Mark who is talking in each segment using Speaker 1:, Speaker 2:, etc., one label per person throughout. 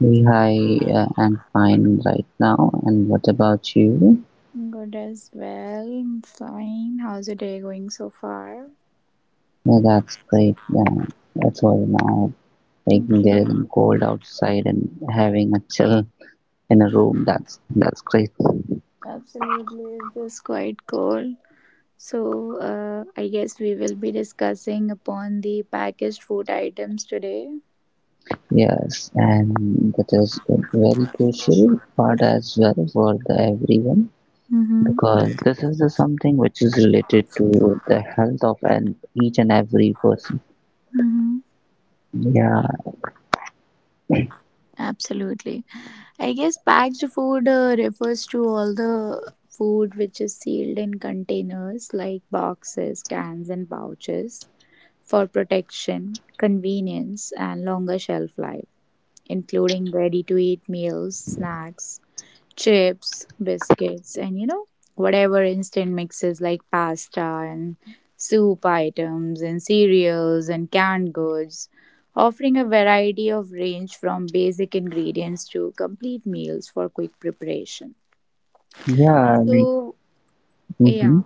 Speaker 1: Hey, hi. I'm fine right now. And what about you?
Speaker 2: Good as well. I'm fine. How's the day going so far?
Speaker 1: Yeah, that's great. That's all now. Like there
Speaker 2: Okay.
Speaker 1: isn't cold outside and having a chill in a room.
Speaker 2: Mhm.
Speaker 1: That's great.
Speaker 2: Absolutely. It's just quite cool. So, I guess we will be discussing upon the packaged food items today.
Speaker 1: Yes, and that is a very crucial part as well for the everyone
Speaker 2: Mm-hmm.
Speaker 1: because this is the something which is related to the health of an each and every person.
Speaker 2: Mm-hmm.
Speaker 1: Yeah,
Speaker 2: Absolutely. I guess packaged food refers to all the food which is sealed in containers like boxes, cans, and pouches for protection, convenience, and longer shelf life, including ready to eat meals, snacks, chips, biscuits, and whatever instant mixes like pasta and soup items and cereals and canned goods, offering a variety of range from basic ingredients to complete meals for quick preparation.
Speaker 1: yeah, like.
Speaker 2: So, yeah.
Speaker 1: Mhm.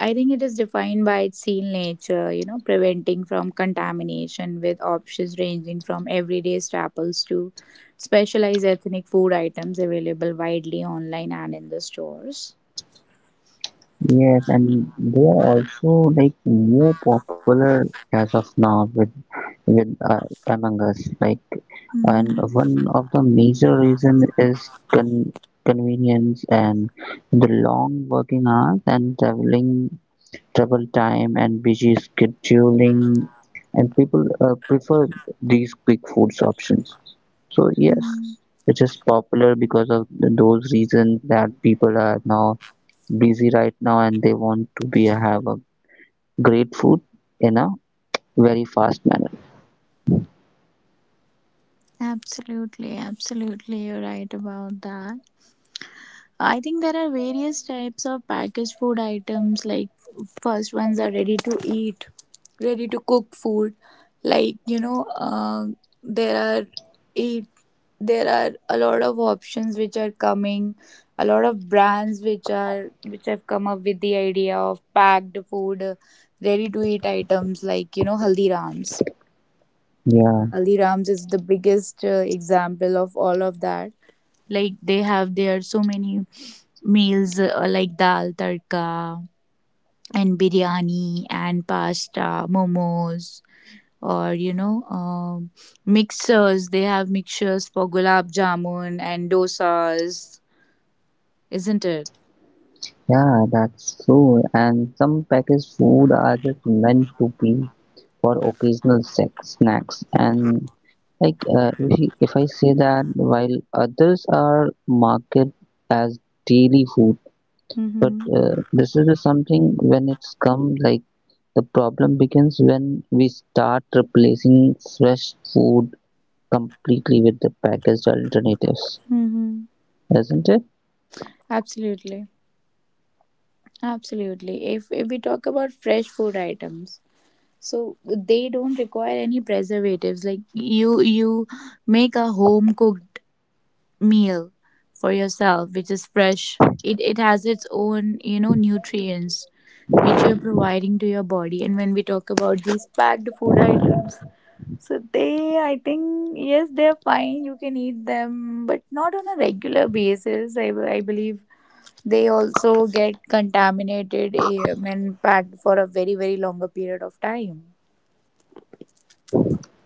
Speaker 2: I think it is defined by its seal nature, you know, preventing from contamination with options ranging from everyday staples to specialized ethnic food items available widely online and in the stores.
Speaker 1: Yes, and they are also like more popular as of now with with uh, among us. Like, and
Speaker 2: Mhm.
Speaker 1: one of the major reason is convenience and the long working hours and traveling travel time and busy scheduling, and people prefer these quick foods options. So yes,
Speaker 2: Mhm.
Speaker 1: it is popular because of those reasons that people are now busy right now and they want to be have a great food in a very fast manner.
Speaker 2: Absolutely, absolutely, you're right about that. I think there are various types of packaged food items. Like first ones are ready to eat, ready to cook food like there are eight there are a lot of options which are coming a lot of brands which are which have come up with the idea of packed food ready to eat items like haldirams
Speaker 1: Yeah,
Speaker 2: haldirams is the biggest example of all of that like they have there so many meals like dal tadka and biryani and pasta momos or mixers they have mixtures for gulab jamun and dosas isn't it?
Speaker 1: yeah, that's true. And some packaged food are just meant to be for occasional sex, snacks. And like, if, if I say that, while others are marketed as daily food, but
Speaker 2: Mm-hmm.
Speaker 1: this is the something when it's come, like the problem begins when we start replacing fresh food completely with the packaged alternatives,
Speaker 2: Mm-hmm.
Speaker 1: isn't it?
Speaker 2: Absolutely. Absolutely. If we talk about fresh food items, so they don't require any preservatives. Like you make a home cooked meal for yourself, which is fresh. It has its own, you know, nutrients which you're providing to your body. And when we talk about these packed food items, so they, I think, yes, they're fine. You can eat them, but not on a regular basis. I believe they also get contaminated and packed for a very, very longer period of time.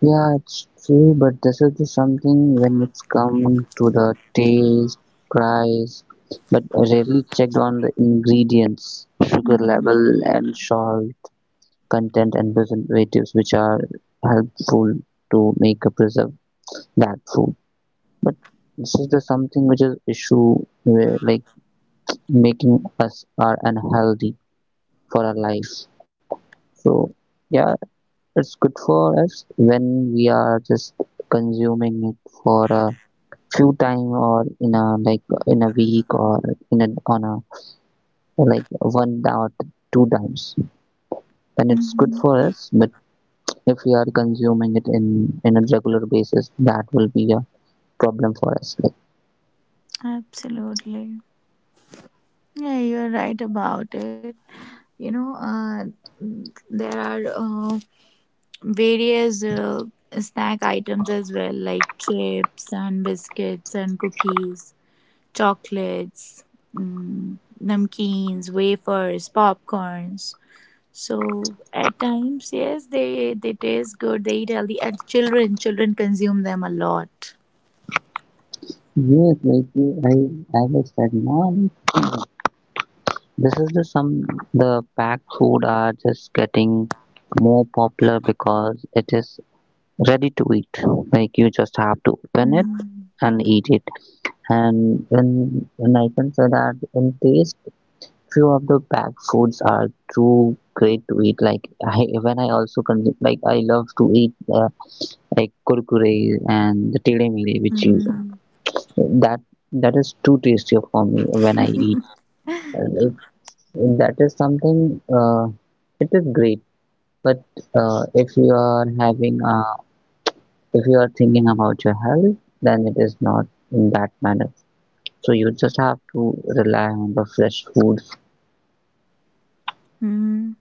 Speaker 1: Yeah, it's true, but this is the something when it's come to the taste, price, but rarely checked on the ingredients, sugar
Speaker 2: Mm-hmm.
Speaker 1: level, and salt content and preservatives, which are helpful to make a preserve that food. But this is the something which is issue where, like making us are unhealthy for our life. So yeah, it's good for us when we are just consuming it for a few time or in a like in a week or in a on a like one or two times. Then it's good for us, but if we are consuming it in a regular basis, that will be a problem for us. Like
Speaker 2: Absolutely. Yeah, you're right about it. You know, uh, there are various snack items as well, like chips and biscuits and cookies, chocolates, namkeens, wafers, popcorns. So at times, yes, they taste good. They eat healthy, and children consume them a lot.
Speaker 1: yes, like I was said, mom, this is the some the packed food are just getting more popular because it is ready to eat. Like you just have to open it
Speaker 2: Mm,
Speaker 1: and eat it. And when I can say that in taste, few of the packed foods are too great to eat. Like I, when I also consume, like I love to eat like kurkure and the tele mere, which you
Speaker 2: mhm,
Speaker 1: that that is too tasty for me when I eat. It, that is something. Uh, it is great, but if you are having a if you are thinking about your health, then it is not in that manner. So you just have to rely on the fresh food.
Speaker 2: mhm.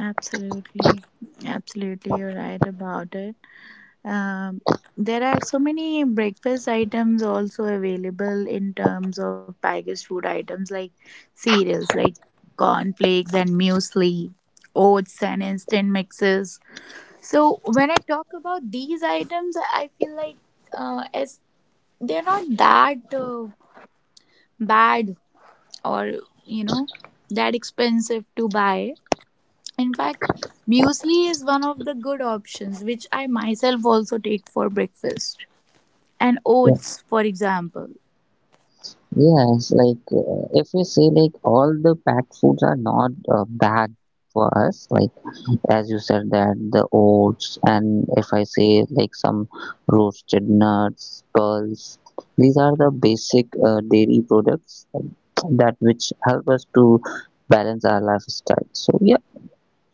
Speaker 2: Absolutely, absolutely, you're right about it. Um, there are so many breakfast items also available in terms of packaged food items like cereals, like cornflakes and muesli, oats and instant mixes. So when I talk about these items, I feel like as they're not that bad or you know that expensive to buy. In fact, muesli is one of the good options which I myself also take for breakfast, and
Speaker 1: Yeah.
Speaker 2: oats for example.
Speaker 1: Yes, like if we say like all the packed foods are not bad for us, like as you said that the oats and if I say like some roasted nuts, pearls, these are the basic dairy products that which help us to balance our lifestyle. So yeah.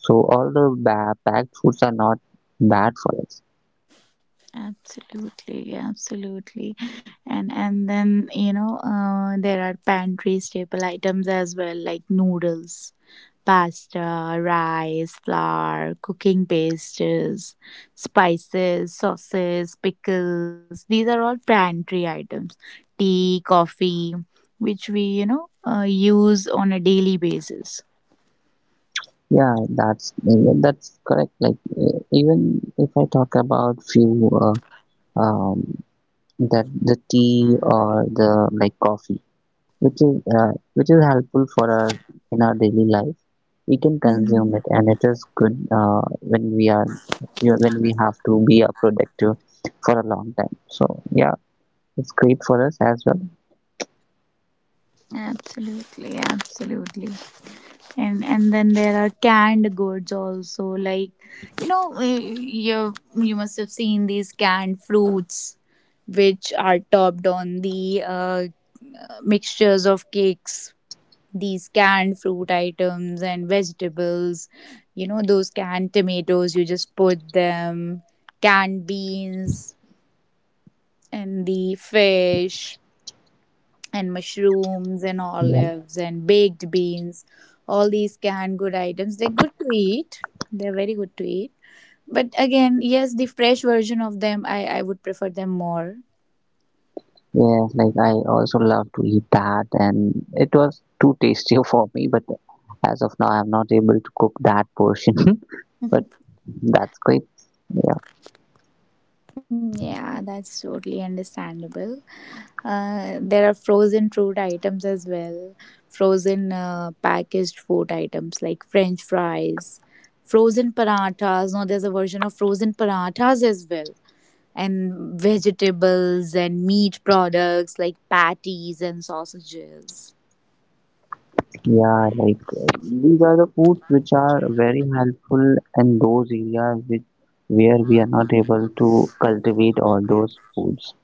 Speaker 1: So all the packed foods are not bad for us.
Speaker 2: Absolutely, absolutely. And then there are pantry staple items as well like noodles, pasta, rice, flour, cooking pastes, spices, sauces, pickles. These are all pantry items, tea, coffee, which we use on a daily basis.
Speaker 1: Yeah, that's correct. Like even if I talk about few um, that the tea or the like coffee, which is helpful for our in our daily life, we can consume
Speaker 2: Mm,
Speaker 1: it, and it is good when we are when we have to be productive for a long time. So yeah, it's great for us as well.
Speaker 2: absolutely, absolutely. And then there are canned goods also like you must have seen these canned fruits which are topped on the mixtures of cakes, these canned fruit items and vegetables, you know those canned tomatoes you just put them, canned beans and the fish and mushrooms and
Speaker 1: Yeah.
Speaker 2: olives and baked beans. All these canned good items, they're good to eat, they're very good to eat, but again yes the fresh version of them I would prefer them more.
Speaker 1: Yes, like I also love to eat that, and it was too tasty for me. But as of now, I'm not able to cook that portion. But that's great. Yeah,
Speaker 2: Yeah, that's totally understandable. There are frozen fruit items as well, frozen packaged food items like french fries, frozen parathas. No, there's a version of frozen parathas as well, and vegetables and meat products like patties and sausages.
Speaker 1: yeah. Like these are the foods which are very helpful in those areas which where we are not able to cultivate all those foods.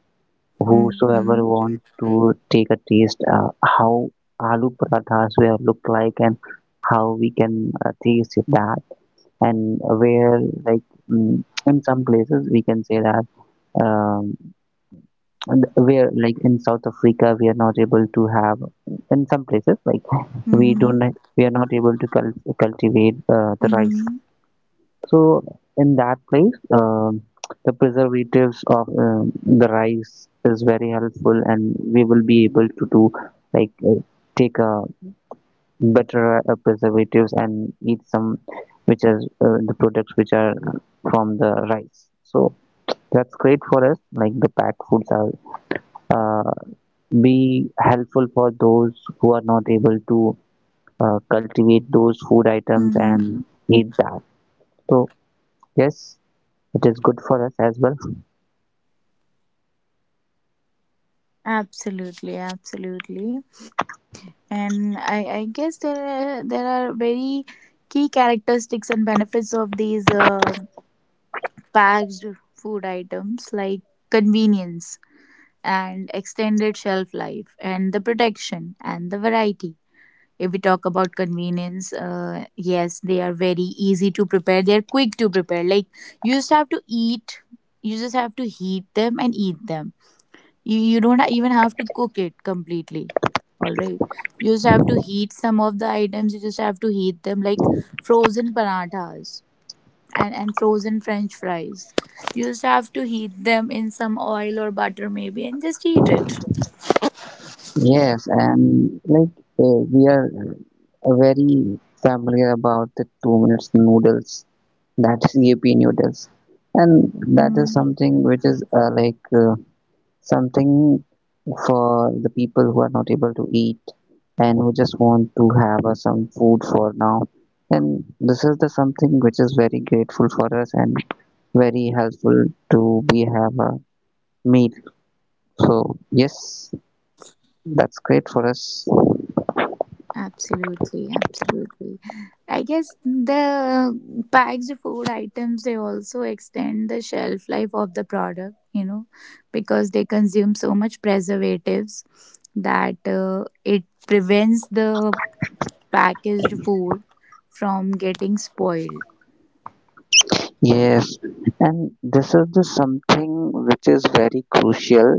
Speaker 2: Mm-hmm.
Speaker 1: Whosoever wants to take a taste, how aloo parathas will look like and how we can taste that and where like in some places we can say that um, and where like in South Africa we are not able to have in some places like we
Speaker 2: Mm-hmm.
Speaker 1: don't we are not able to cultivate the rice.
Speaker 2: Mm-hmm.
Speaker 1: So in that place, the preservatives of the rice is very helpful, and we will be able to do like take a better preservatives and eat some which are the products which are from the rice. So that's great for us like the packed foods are uh, be helpful for those who are not able to cultivate those food items and
Speaker 2: Mm-hmm.
Speaker 1: eat that. So yes, it is good for us as well.
Speaker 2: Absolutely, absolutely. And I guess there are very key characteristics and benefits of these packaged food items like convenience and extended shelf life and the protection and the variety. If we talk about convenience, yes, they are very easy to prepare. They are quick to prepare. Like you just have to eat, you just have to heat them and eat them. You don't even have to cook it completely. All right, you just have to heat some of the items. You just have to heat them like frozen parathas and frozen French fries. You just have to heat them in some oil or butter maybe and just eat it.
Speaker 1: Yes, and like we are very familiar about the 2 minute noodles, that's EAP noodles, and that is
Speaker 2: Hmm.
Speaker 1: something which is like something for the people who are not able to eat and who just want to have some food for now. And this is the something which is very grateful for us and very helpful to we have a meal. So yes, that's great for us.
Speaker 2: Absolutely, absolutely. I guess the packaged food items they also extend the shelf life of the product, you know, because they consume so much preservatives that it prevents the packaged food from getting spoiled.
Speaker 1: Yes, and this is the something which is very crucial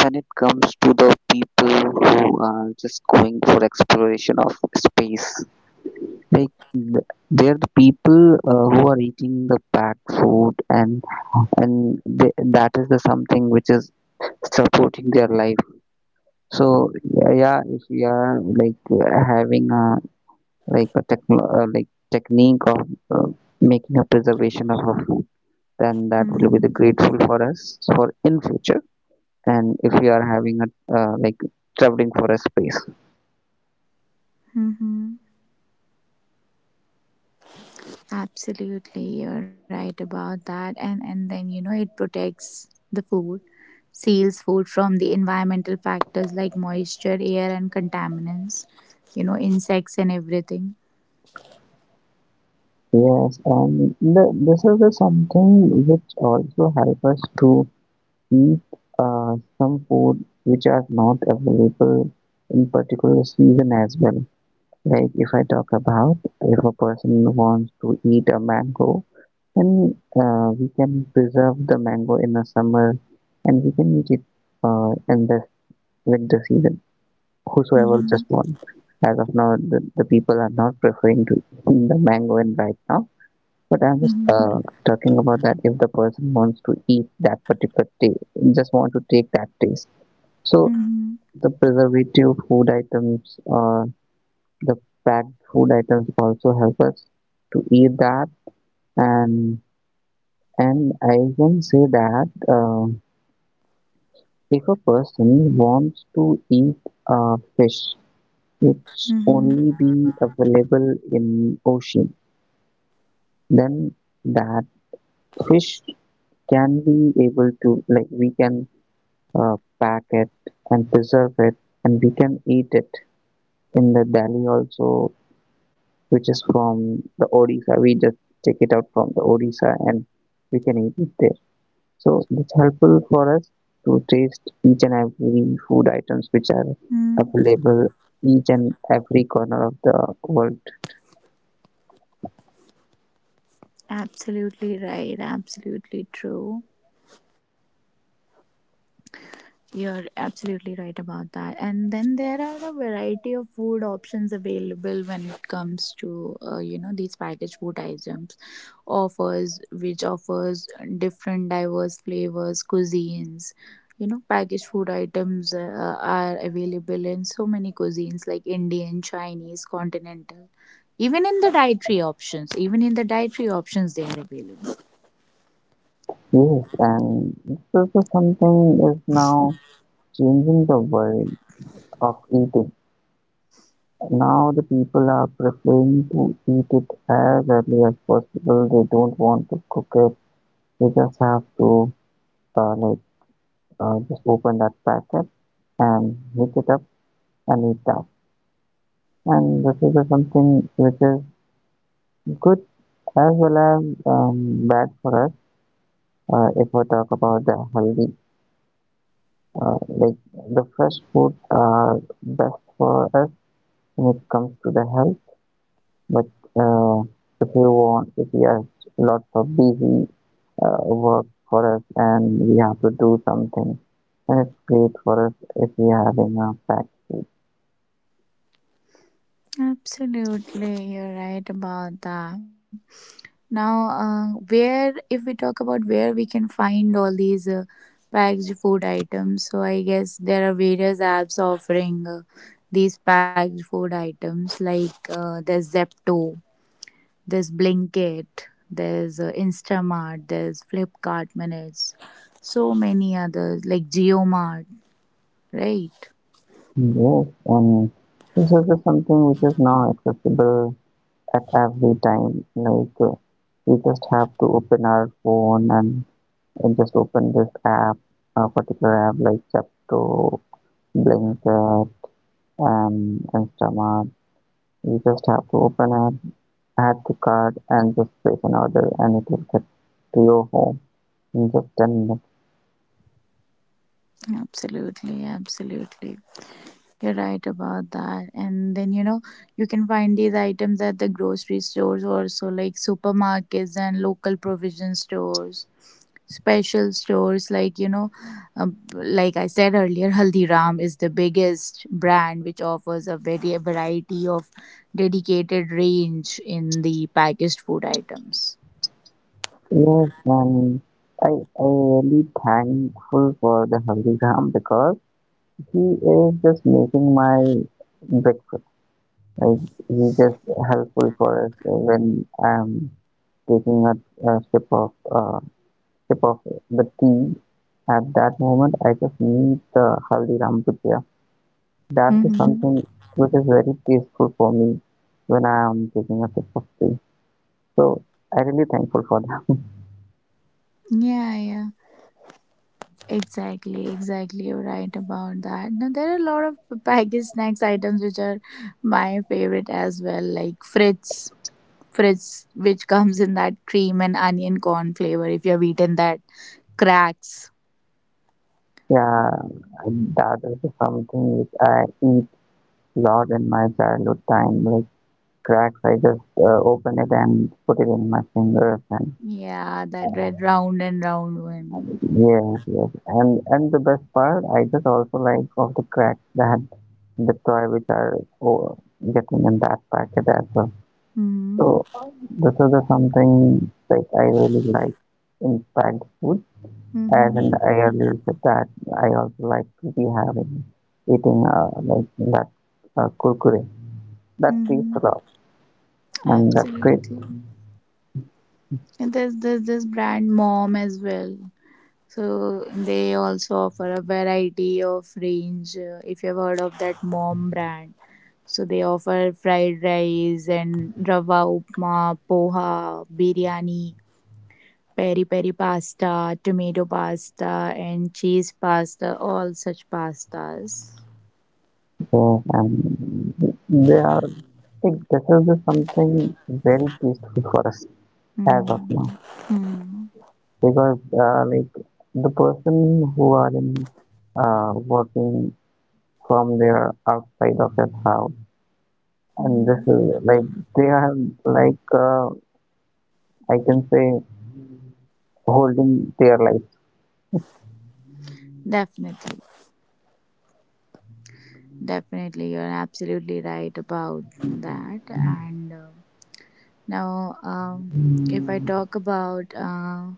Speaker 1: when it comes to the people who are just going for exploration of space. Like they're the people who are eating the packed food, and they, that is the something which is supporting their life. So yeah, yeah, if we are like having a like a techno like technique of uh, making a preservation of a food, then that will be the
Speaker 2: Mm-hmm.
Speaker 1: grateful for us for in future, and if we are having a like traveling for a space.
Speaker 2: Mm-hmm. Absolutely, you're right about that. And then you know it protects the food, seals food from the environmental factors like moisture, air, and contaminants. You know, insects and everything.
Speaker 1: Yes, and the, this is the something which also help us to eat some food which are not available in particular season as well. Like if I talk about if a person wants to eat a mango, then we can preserve the mango in the summer, and we can eat it in the winter season. Whosoever just
Speaker 2: Mhm,
Speaker 1: want. As of now, the people are not preferring to eat the mango in right now. But I'm just
Speaker 2: mhm,
Speaker 1: talking about that if the person wants to eat that particular taste, just want to take that taste. So
Speaker 2: mhm,
Speaker 1: the preservative food items or the packed food items also help us to eat that. And and I can say that if a person wants to eat fish it's
Speaker 2: mhm,
Speaker 1: only be available in ocean, then that fish can be able to like we can uh, pack it and preserve it and we can eat it in the Delhi also which is from the Odisha we just take it out from the Odisha and we can eat it there. So it's helpful for us to taste each and every food items which are
Speaker 2: mhm.
Speaker 1: available each and every corner of the world.
Speaker 2: Absolutely right. Absolutely true. You're absolutely right about that. And then there are a variety of food options available when it comes to these packaged food items offers which offers different diverse flavors, cuisines. You know, packaged food items are available in so many cuisines like Indian, Chinese, continental. Even in the dietary options, even in the dietary options, they are available.
Speaker 1: Yes, and this is something is now changing the world of eating. Now the people are preferring to eat it as early as possible. They don't want to cook it. They just have to like just open that packet and heat it up and eat that. And this is something which is good as well as bad for us. If we talk about the healthy, like the fresh food are best for us when it comes to the health. But uh, if you want, if you have lots of busy work for us and we have to do something, then it's great for us if we are having a packed food.
Speaker 2: Absolutely, you're right about that. Now, where if we talk about where we can find all these packaged food items, so I guess there are various apps offering these packaged food items like there's Zepto, there's Blinkit, there's Instamart, there's Flipkart Minutes, so many others like GeoMart, right?
Speaker 1: Yes, and this is something which is now accessible at every time. Like we just have to open our phone and just open this app, a particular app like Chapto, Blinker, and Stomach. You just have to open an add to cart and just place an order and it will get to your home in just 10 minutes.
Speaker 2: Absolutely, absolutely. You're right about that. And then, you know, you can find these items at the grocery stores also, like supermarkets and local provision stores, special stores. Like, you know, like I said earlier, Haldiram is the biggest brand which offers a very variety of dedicated range in the packaged food items.
Speaker 1: Yes, and I, I really thankful for the Haldigram because he is just making my breakfast. Like he just helpful for us when I'm taking a sip of the tea. At that moment, I just need the Haldiram to pair. That is
Speaker 2: Mm-hmm.
Speaker 1: something which is very peaceful for me when I am taking a sip of tea. So I really thankful for that.
Speaker 2: Yeah, yeah. Exactly, exactly. You're right about that. Now, there are a lot of packaged snacks items which are my favorite as well, like Fritz, Fritz, which comes in that cream and onion corn flavor. If you have eaten that, cracks.
Speaker 1: Yeah, that is something which I eat a lot in my childhood time. Like cracks, I just open it and put it in my fingers. And
Speaker 2: Yeah, that red round and round one.
Speaker 1: yes, yes. And the best part, I just also like of the cracks that the toy which are oh, getting in that packet as well.
Speaker 2: Mm-hmm.
Speaker 1: So this is the something like I really like in packed food, as in I
Speaker 2: Mm-hmm.
Speaker 1: earlier said that I also like to be having eating like that kurkure. That tastes a
Speaker 2: Mm-hmm.
Speaker 1: lot, and that's great.
Speaker 2: Absolutely. And there's this brand Mom as well. So they also offer a variety of range. If you've heard of that mom brand, so they offer fried rice and rava upma, poha, biryani, peri peri pasta, tomato pasta, and cheese pasta. All such pastas.
Speaker 1: Yes, and they are like this is the something very peaceful for us as
Speaker 2: Mm.
Speaker 1: of now
Speaker 2: Mm.
Speaker 1: because like the person who are in working from their outside of their house
Speaker 2: Mm.
Speaker 1: and this is like they are like I can say holding their life.
Speaker 2: Definitely, definitely, you're absolutely right about that, and. Now, if I talk about,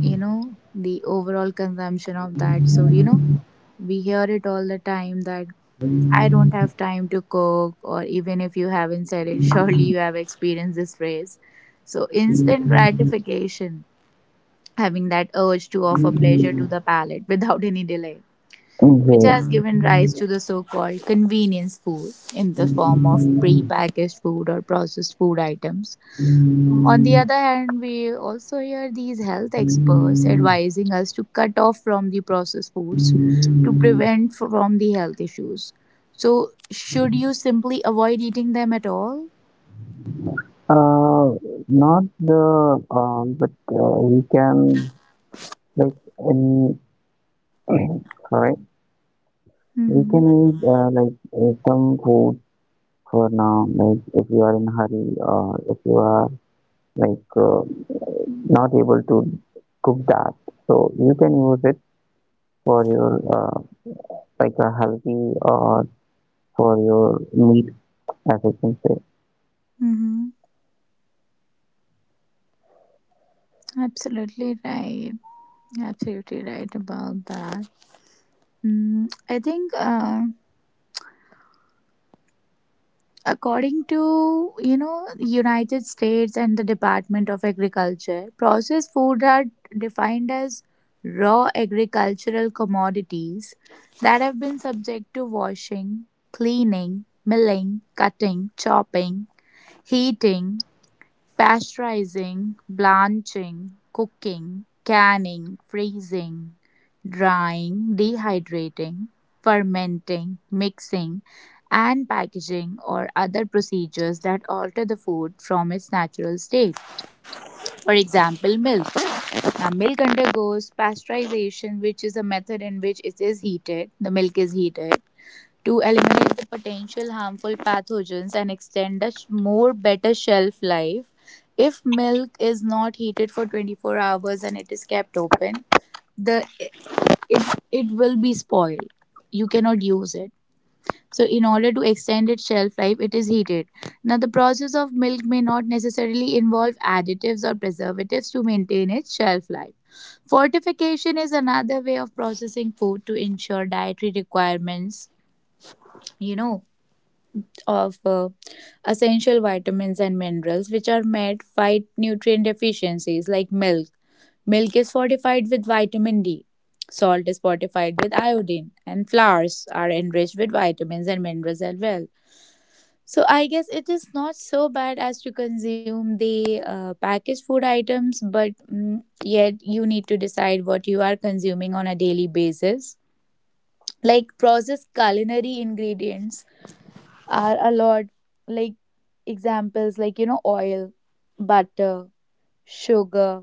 Speaker 2: you know, the overall consumption of that, so, you know, we hear it all the time that I don't have time to cook, or even if you haven't said it, surely you have experienced this phrase. So, instant gratification, having that urge to offer pleasure to the palate without any delay, which has
Speaker 1: Yeah.
Speaker 2: given rise to the so called convenience food in the form of pre packaged food or processed food items. On the other hand, we also hear these health experts advising us to cut off from the processed foods to prevent from the health issues. So, should you simply avoid eating them at all?
Speaker 1: Uh, not the but we can like in sorry we
Speaker 2: Mm-hmm.
Speaker 1: can eat like some food for now. Like if you are in a hurry or if you are like not able to cook that, so you can use it for your like a healthy or for your meat, as I can say.
Speaker 2: Mm-hmm. Absolutely right. Absolutely right about that. I think. According to, you know, United States and the Department of Agriculture, processed food are defined as raw agricultural commodities that have been subject to washing, cleaning, milling, cutting, chopping, heating, pasteurizing, blanching, cooking, canning, freezing, drying, dehydrating, fermenting, mixing, and packaging or other procedures that alter the food from its natural state. For example, milk. Now, milk undergoes pasteurization, which is a method in which it is heated. The milk is heated to eliminate the potential harmful pathogens and extend a more better shelf life. If milk is not heated for 24 hours and it is kept open, the it it will be spoiled. You cannot use it. So in order to extend its shelf life, it is heated. Now the process of milk may not necessarily involve additives or preservatives to maintain its shelf life. Fortification is another way of processing food to ensure dietary requirements, you know, of essential vitamins and minerals which are made fight nutrient deficiencies like milk. Milk is fortified with vitamin D, salt is fortified with iodine, and flowers are enriched with vitamins and minerals as well. So I guess it is not so bad as to consume the packaged food items, but yet you need to decide what you are consuming on a daily basis. Like processed culinary ingredients are a lot, like examples like you know oil, butter, sugar,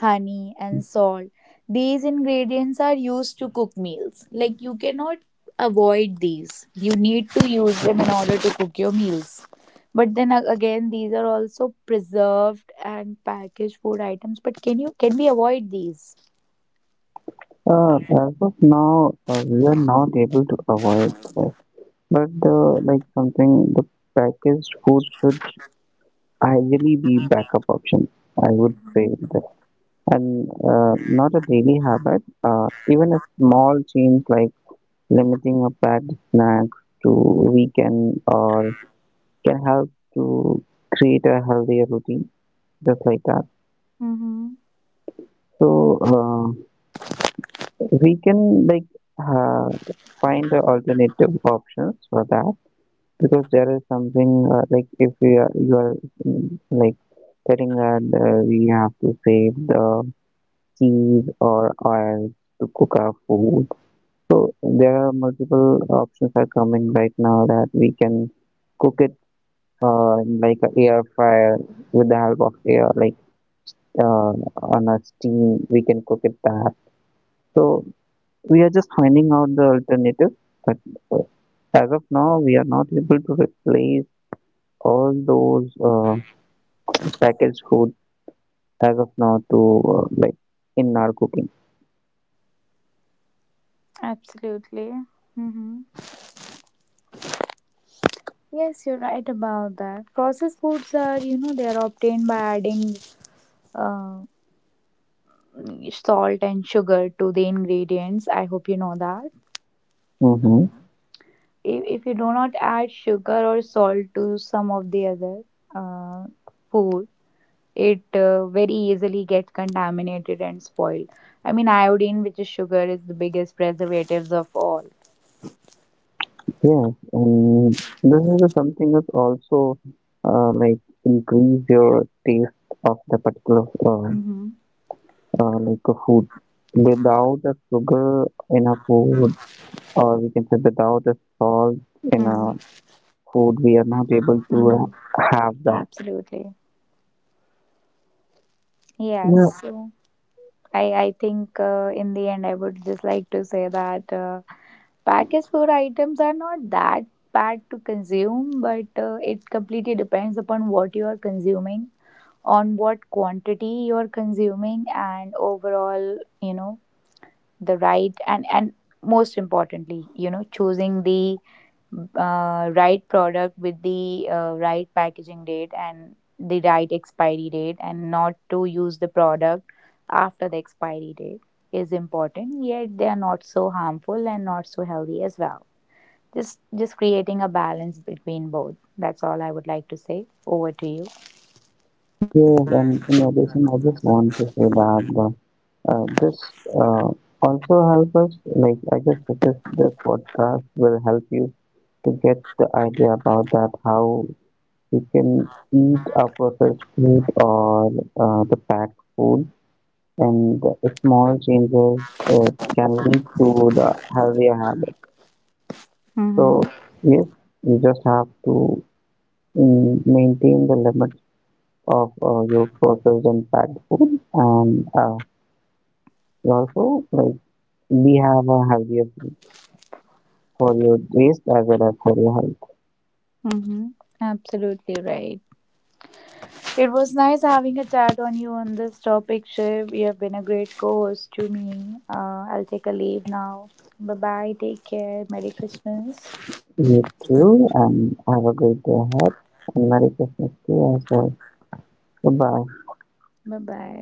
Speaker 2: honey and salt. These ingredients are used to cook meals. Like you cannot avoid these, you need to use them in order to cook your meals. But then again these are also preserved and packaged food items, but can you, can we avoid these?
Speaker 1: Uh, as of now, we are not able to avoid this, but like something, the packaged food should ideally be backup option. I would say
Speaker 2: Mm-hmm.
Speaker 1: that, and not a daily habit. Even a small change like limiting a packed snacks to weekend or can help to create a healthier routine, just like that.
Speaker 2: Mm-hmm.
Speaker 1: So. We can like uh, find the alternative options for that because there is something like if we are you are like telling that we have to save the cheese or oil to cook our food. So there are multiple options are coming right now that we can cook it in like a air fryer with the help of air like uh, on a steam we can cook it that. So we are just finding out the alternative, but uh, as of now we are not able to replace all those packaged food as of now to like in our cooking.
Speaker 2: Absolutely. Mm-hmm. Yes, you're right about that. Processed foods are, you know, they are obtained by adding uh, salt and sugar to the ingredients. I hope you know that.
Speaker 1: Mm-hmm.
Speaker 2: If you do not add sugar or salt to some of the other uh, food, it very easily gets contaminated and spoiled. I mean, iodine, which is sugar, is the biggest preservatives of all.
Speaker 1: Yes, and this is something that also like increase your taste of the particular
Speaker 2: Mm-hmm.
Speaker 1: like a food without the sugar in a food or we can say without the salt in a food we are not able to
Speaker 2: Mm-hmm.
Speaker 1: have that.
Speaker 2: Absolutely. Yes.
Speaker 1: Yeah.
Speaker 2: So, I think in the end, I would just like to say that packaged food items are not that bad to consume, but it completely depends upon what you are consuming, on what quantity you are consuming, and overall, you know, the right and most importantly, you know, choosing the right product with the right packaging date and the right expiry date and not to use the product after the expiry date is important. Yet they are not so harmful and not so healthy as well, just creating a balance between both. That's all I would like to say. Over to you.
Speaker 1: Yes, and in addition, I just want to say that the, this also help us. Like I just said, this podcast will help you to get the idea about that how you can eat a processed food or the packed food, and the small changes can lead to the healthier habits.
Speaker 2: Mm-hmm.
Speaker 1: So yes, you just have to maintain the limits of your processed and packed food and. And also, like we have a healthier for your waist as well as for your health.
Speaker 2: Mm-hmm. Absolutely right. It was nice having a chat on you on this topic, Shiv. You have been a great co-host to me. I'll take a leave now. Bye bye. Take care. Merry Christmas.
Speaker 1: You too, and have a great day ahead. And Merry Christmas to you as well. Goodbye.
Speaker 2: Bye bye.